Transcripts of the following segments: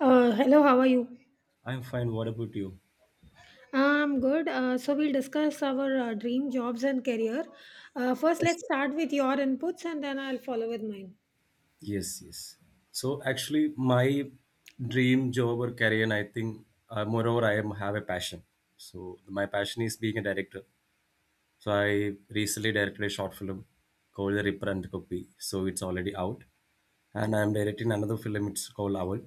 Hello, how are you? I'm fine. What about you? I'm good. So we'll discuss our dream jobs and career. First, Yes, let's sir. start with your inputs and then I'll follow with mine. Yes. Yes. So actually, my dream job or career, and I think, moreover, have a passion. So my passion is being a director. So I recently directed a short film called The Ripper and the Copy. So it's already out, and I'm directing another film. It's called Owl.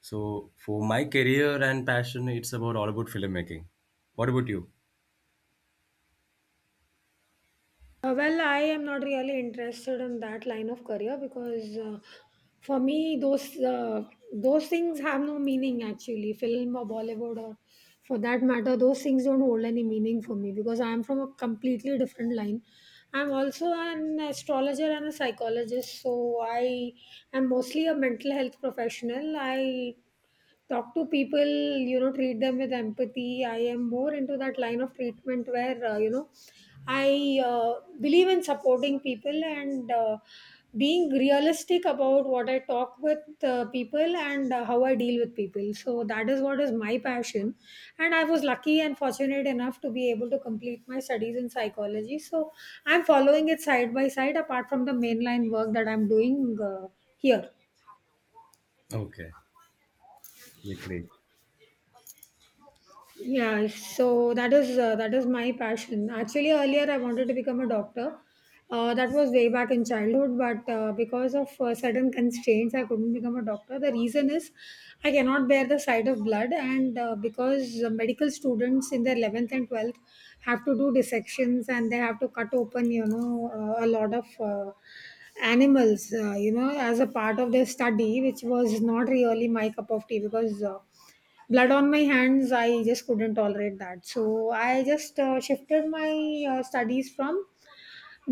So for my career and passion, it's about all about filmmaking. What about you? Well, I am not really interested in that line of career because for me, those things have no meaning actually. Film or Bollywood or for that matter, those things don't hold any meaning for me because I am from a completely different line. I'm also an astrologer and a psychologist, so I am mostly a mental health professional. I talk to people, you know, treat them with empathy. I am more into that line of treatment where, you know, I believe in supporting people, and being realistic about what I talk with people and how I deal with people. So that is what is my passion, and I was lucky and fortunate enough to be able to complete my studies in psychology. So I'm following it side by side apart from the mainline work that I'm doing here. Okay, yeah, great. Yeah, so that is my passion. Actually, earlier I wanted to become a doctor. That was way back in childhood, but because of certain constraints, I couldn't become a doctor. The reason is I cannot bear the sight of blood, and because medical students in their 11th and 12th have to do dissections, and they have to cut open, you know, a lot of animals, you know, as a part of their study, which was not really my cup of tea because. Blood on my hands, I just couldn't tolerate that. So I just shifted my studies from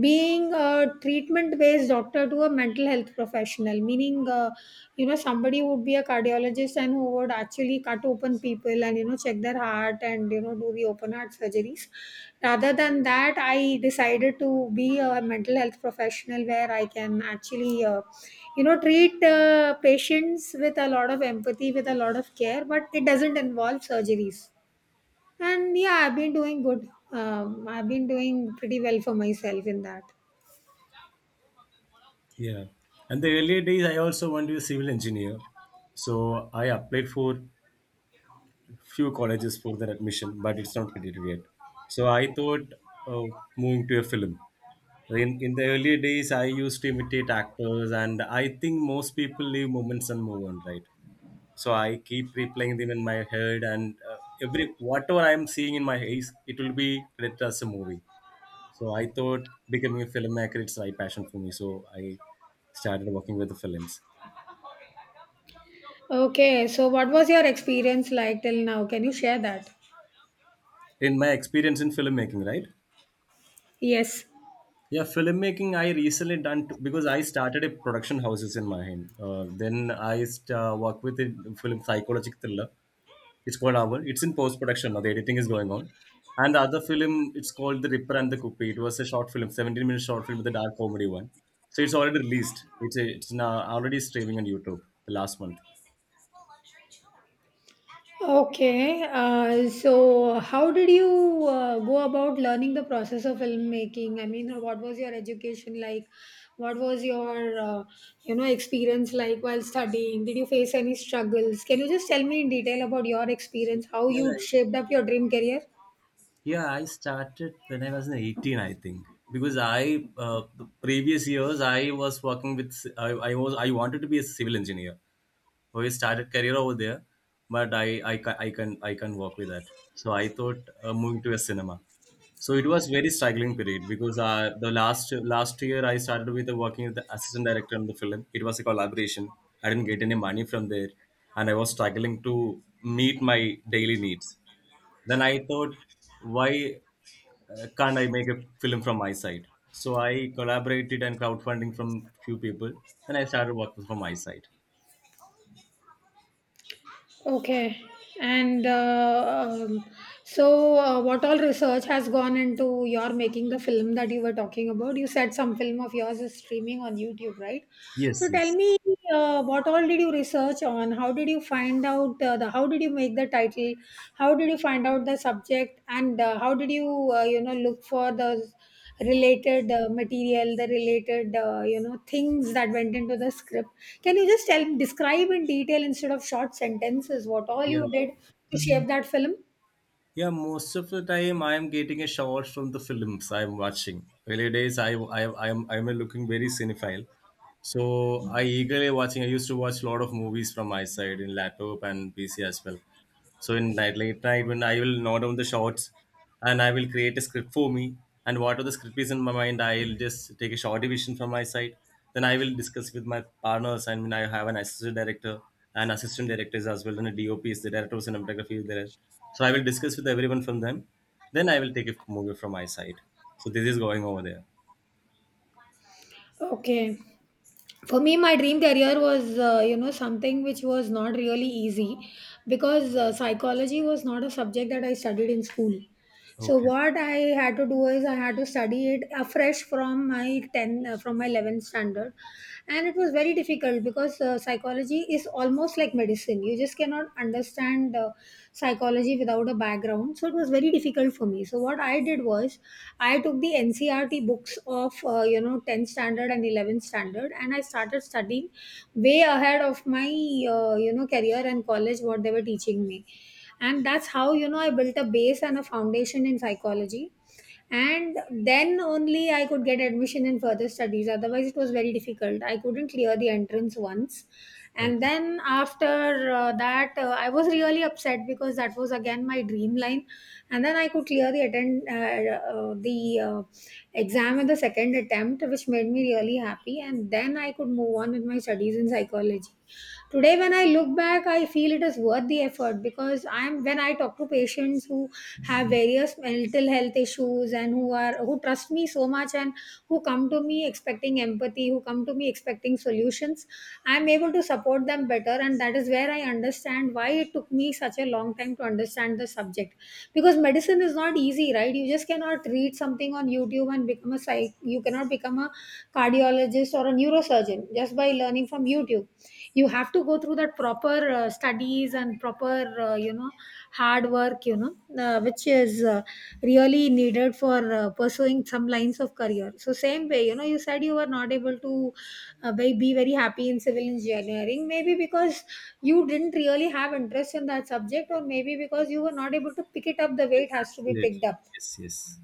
being a treatment based doctor to a mental health professional, meaning, you know, somebody would be a cardiologist and who would actually cut open people and, you know, check their heart and, you know, do the open heart surgeries. Rather than that, I decided to be a mental health professional where I can actually, you know, treat patients with a lot of empathy, with a lot of care, but it doesn't involve surgeries. And yeah, I've been doing good. I've been doing pretty well for myself in that. Yeah. And the earlier days, I also wanted to be a civil engineer. So I applied for few colleges for their admission, but it's not completed yet. So I thought of moving to a film. In the earlier days, I used to imitate actors, and I think most people leave moments and move on, right? So I keep replaying them in my head, and every whatever I'm seeing in my eyes, it will be read as a movie. So I thought becoming a filmmaker, it's right passion for me. So I started working with the films. Okay, so what was your experience like till now? Can you share that? In my experience in filmmaking, right? Yes. Yeah, filmmaking I recently done because I started a production houses in my Then I work with a film psychological thriller. It's called Hour. It's in post production now. The editing is going on. And the other film, it's called The Ripper and the Cooper. It was a short film, 17-minute short film with a dark comedy one. So it's already released. It's now already streaming on YouTube the last month. Okay, so how did you go about learning the process of filmmaking? I mean, what was your education like? What was your you know, experience like while studying? Did you face any struggles? Can you just tell me in detail about your experience, how you Yeah. shaped up your dream career? Yeah, I started when I was in 18, I think, because I the previous years I was working with I was I wanted to be a civil engineer. So I started career over there, but I can work with that. So I thought moving to a cinema. So it was very struggling period because the last year I started with the working with the assistant director on the film. It was a collaboration. I didn't get any money from there, and I was struggling to meet my daily needs. Then I thought, why can't I make a film from my side? So I collaborated and crowdfunding from few people, and I started working from my side. Okay. And so, what all research has gone into your making the film that you were talking about? You said some film of yours is streaming on YouTube, right? So, Yes, tell yes. me, what all did you research on? How did you find out the? How did you make the title? How did you find out the subject? And how did you, you know, look for the related material, the related, you know, things that went into the script. Can you just tell describe in detail instead of short sentences what all Yeah. you did to shape that film? Yeah, most of the time I am getting a shot from the films I'm watching. Early days, I'm looking very cinephile. So I eagerly watching. I used to watch a lot of movies from my side in laptop and PC as well. So in night late night when I will note down the shots and I will create a script for me, and whatever the script is in my mind, I'll just take a short division from my side. Then I will discuss with my partners. I mean I have an assistant director and assistant directors as well, and a DOP is the director of cinematography is there. So I will discuss with everyone from them. Then I will take a movie from my side. So this is going over there. Okay. For me, my dream career was, you know, something which was not really easy because psychology was not a subject that I studied in school. So Okay. what I had to do is I had to study it afresh from my 10 uh, from my 11th standard, and it was very difficult because psychology is almost like medicine. You just cannot understand psychology without a background. So it was very difficult for me. So what I did was I took the NCRT books of, you know, 10th standard and 11th standard, and I started studying way ahead of my, you know, career and college, what they were teaching me. And that's how, you know, I built a base and a foundation in psychology. And then only I could get admission in further studies. Otherwise it was very difficult. I couldn't clear the entrance once, and Okay. then after that, I was really upset because that was again my dream line. And then I could clear the attend the exam in the second attempt, which made me really happy. And then I could move on with my studies in psychology. Today, when I look back, I feel it is worth the effort because I'm when I talk to patients who have various mental health issues and who are who trust me so much and who come to me expecting empathy, who come to me expecting solutions, I'm able to support them better. And that is where I understand why it took me such a long time to understand the subject. Because medicine is not easy, right? You just cannot read something on YouTube and become a psych, you cannot become a cardiologist or a neurosurgeon just by learning from YouTube. You have to go through that proper studies and proper, you know, hard work, you know, which is really needed for pursuing some lines of career. So same way, you know, you said you were not able to be very happy in civil engineering, maybe because you didn't really have interest in that subject, or maybe because you were not able to pick it up the way Yes, it has to be absolutely. picked up. Yes, yes.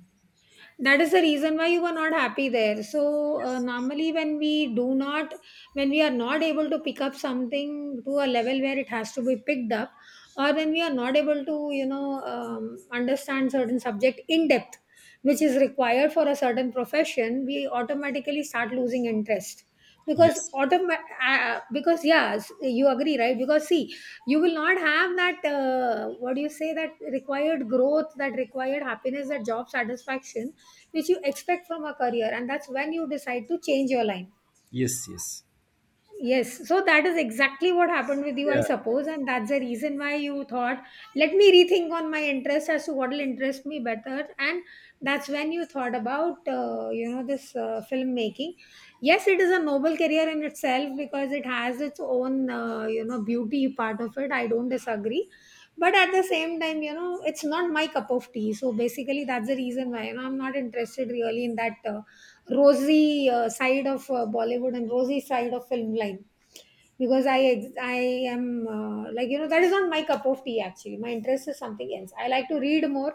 That is the reason why you were not happy there. So Yes. Yes. normally, when we do not when we are not able to pick up something to a level where it has to be picked up, or when we are not able to, you know, understand certain subject in depth which is required for a certain profession, we automatically start losing interest because Yes, because yes, you agree, right? Because see, you will not have that, what do you say, that required growth, that required happiness, that job satisfaction which you expect from a career, and that's when you decide to change your line. yes. Yes. Yes, so that is exactly what happened with you, I Yeah. suppose, and that's the reason why you thought, let me rethink on my interest as to what will interest me better, and that's when you thought about, you know, this filmmaking. Yes, it is a noble career in itself because it has its own, you know, beauty part of it. I don't disagree, but at the same time, you know, it's not my cup of tea. So basically, that's the reason why, you know, I'm not interested really in that. Rosy side of Bollywood and rosy side of film line, because I am, like, you know, that is not my cup of tea actually. My interest is something else. I like to read more.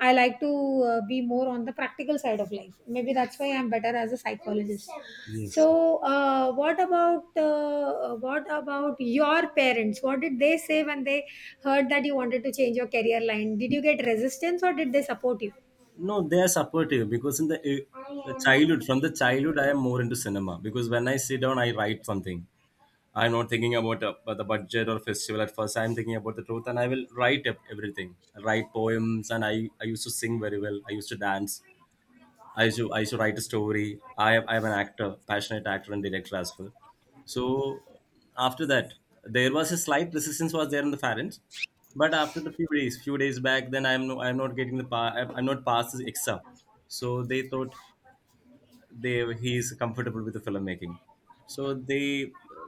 I like to be more on the practical side of life. Maybe that's why I'm better as a psychologist. Yes. Yes. So, uh, what about your parents? What did they say when they heard that you wanted to change your career line? Did you get resistance or did they support you? No, they are supportive because in the childhood, from the childhood, I am more into cinema because when I sit down, I write something. I'm not thinking about about the budget or festival at first. I'm thinking about the truth, and I will write up everything. I write poems, and I used to sing very well. I used to dance. I used to write a story. I am an actor, passionate actor and director as well. So after that, there was a slight resistance was there in the parents, but after the few days back, then I'm not getting the I'm not past the exam. So they thought they he is comfortable with the filmmaking, so they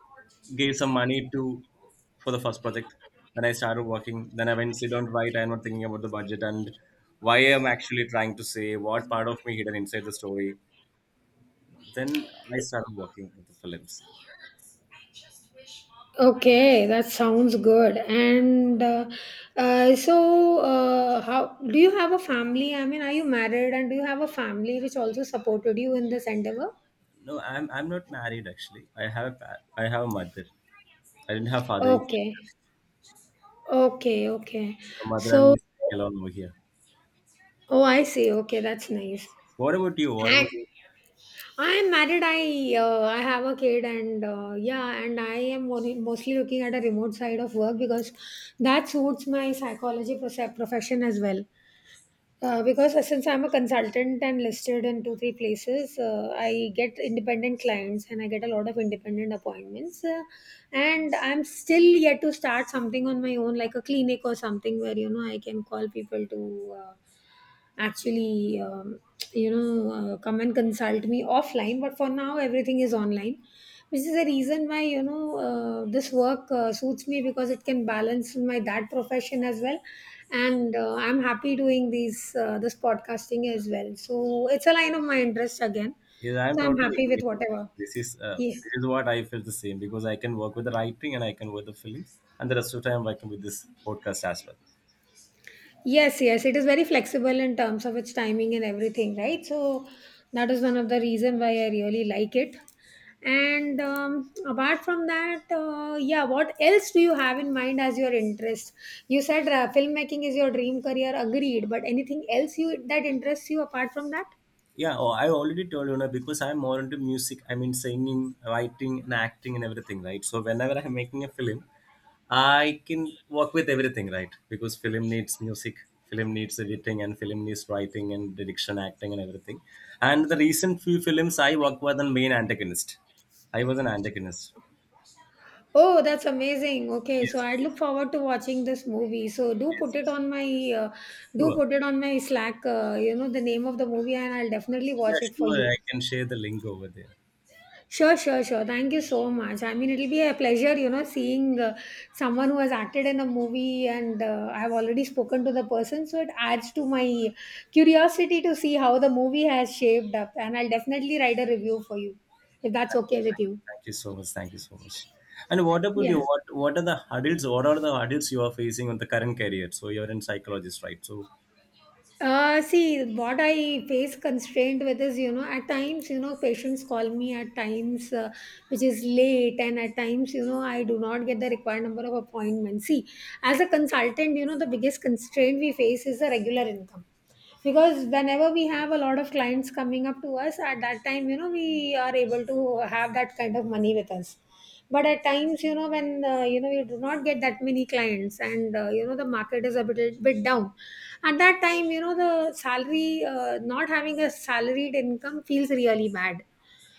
gave some money to for the first project, then I started working, then I went sit down, right? I'm not thinking about the budget, and why I'm actually trying to say what part of me hidden inside the story. Then I started working with the films. Okay, that sounds good. And so, how do you have a family? I mean, are you married and do you have a family which also supported you in this endeavor? No, I'm not married actually. I have a I have a mother. I didn't have father either. Okay, okay, okay. So mother and So, me alone over here. oh, I see. Okay, that's nice. What about you? What And about... I'm married. I have a kid, and yeah, and I am mostly looking at a remote side of work because that suits my profession as well. Because since I'm a consultant and listed in two, three places, I get independent clients and I get a lot of independent appointments. And I'm still yet to start something on my own, like a clinic or something where, you know, I can call people to actually, you know, come and consult me offline. But for now, everything is online, which is the reason why, you know, this work suits me, because it can balance my that profession as well. And I'm happy doing these this podcasting as well. So it's a line of my interest again. Yes, I'm So I'm totally happy with agree with you. whatever. This is uh, Yeah. this is what I feel the same because I can work with the writing and I can work the films, and the rest of the time I'm working with this podcast as well. Yes, yes, it is very flexible in terms of its timing and everything, right? So that is one of the reason why I really like it. And apart from that, yeah, what else do you have in mind as your interest? You said filmmaking is your dream career, agreed. But anything else you that interests you apart from that? Yeah, oh, I already told you now because I'm more into music. I mean, singing, writing, and acting, and everything, right? So whenever I'm making a film, I can work with everything, right? Because film needs music, film needs editing, and film needs writing and direction, acting, and everything. And the recent few films I worked with the main antagonist. I was an antagonist. Oh, that's amazing. Okay, so Yes, I look yes. forward to watching this movie. So do put Yes, it yes. on my do Sure. put it on my Slack. You know the name of the movie, and I'll definitely Yeah, watch it for sure. you. I can share the link over there. Sure, sure, sure. Thank you so much. I mean, it'll be a pleasure, you know, seeing someone who has acted in a movie, and I've already spoken to the person, so it adds to my curiosity to see how the movie has shaped up. And I'll definitely write a review for you if that's Thank you. okay with Thank you. you. Thank you so much. Thank you so much. And what about Yeah. you? What are the hurdles? What are the hurdles you are facing on the current career? So you're in psychologist, right? So See, what I face constraint with is, you know, at times, you know, patients call me at times, which is late, and at times, you know, I do not get the required number of appointments. See, as a consultant, you know, the biggest constraint we face is the regular income, because whenever we have a lot of clients coming up to us, at that time, you know, we are able to have that kind of money with us. But at times, you know, when, you know, you do not get that many clients, and, you know, the market is a bit down, at that time, you know, the salary, not having a salaried income feels really bad.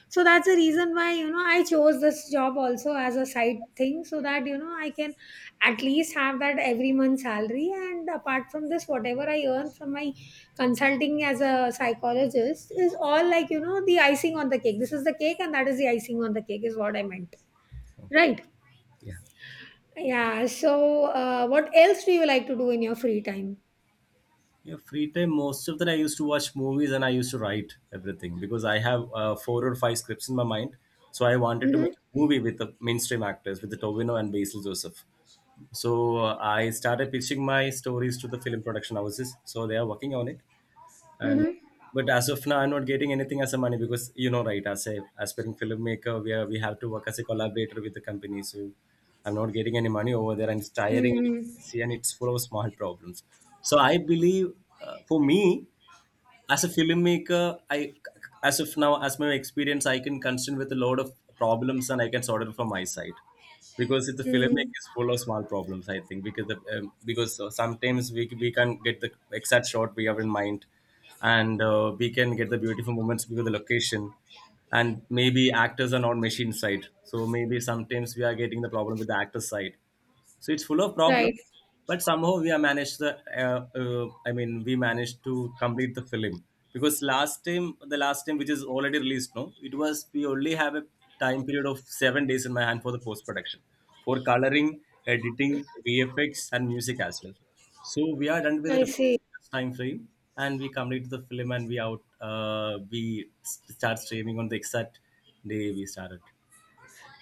So that's the reason why, you know, I chose this job also as a side thing, so that, you know, I can at least have that every month salary, and apart from this, whatever I earn from my consulting as a psychologist is all, like, you know, the icing on the cake. This is the cake and that is the icing on the cake is what I meant. okay, Right. yeah. Yeah, so what else do you like to do in your free time? Yeah, free time. Most of that I used to watch movies and I used to write everything because I have four or five scripts in my mind. So I wanted to Mhm. make a movie with the mainstream actors, with the Tovino and Basil Joseph. So I started pitching my stories to the film production houses. So they are working on it. And Mhm. but as of now, I'm not getting anything as a money because you know, right, as a aspiring filmmaker, we have to work as a collaborator with the company. So I'm not getting any money over there, and it's tiring. See, and it's full of small problems. So I believe for me as a filmmaker, I, as of now, as my experience, I can concern with a lot of problems, and I can sort it from my side. Because if the Mm, mm. filmmaker is full of small problems, I think because because sometimes we can't get the exact shot we have in mind, and we can get the beautiful moments because of the location. And maybe actors are not machine side, so maybe sometimes we are getting the problem with the actor side. So it's full of problem, Right. but somehow we have managed the I mean we managed to complete the film. Because last time the last time which is already released now, it was we only have a time period of 7 days in my hand for the post production, for coloring, editing, VFX and music as well. So we are done with I the see. time frame, and we complete the film, and we out, uh, we start streaming on the exact day we started.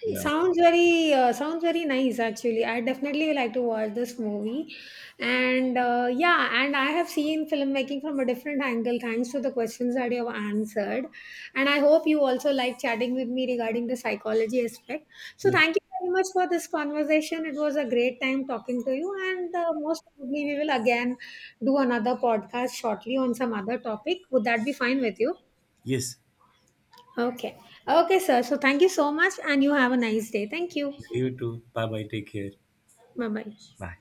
It Yeah. sounds very nice actually. I definitely would like to watch this movie, and yeah, and I have seen filmmaking from a different angle thanks to the questions that you have answered. And I hope you also like chatting with me regarding the psychology aspect. So, Yes, thank you very much for this conversation. It was a great time talking to you. And most probably, we will again do another podcast shortly on some other topic. Would that be fine with you? yes. Okay. Okay, sir. So, thank you so much. And you have a nice day. Thank you. You too, bye bye, take care. Bye bye. 拜。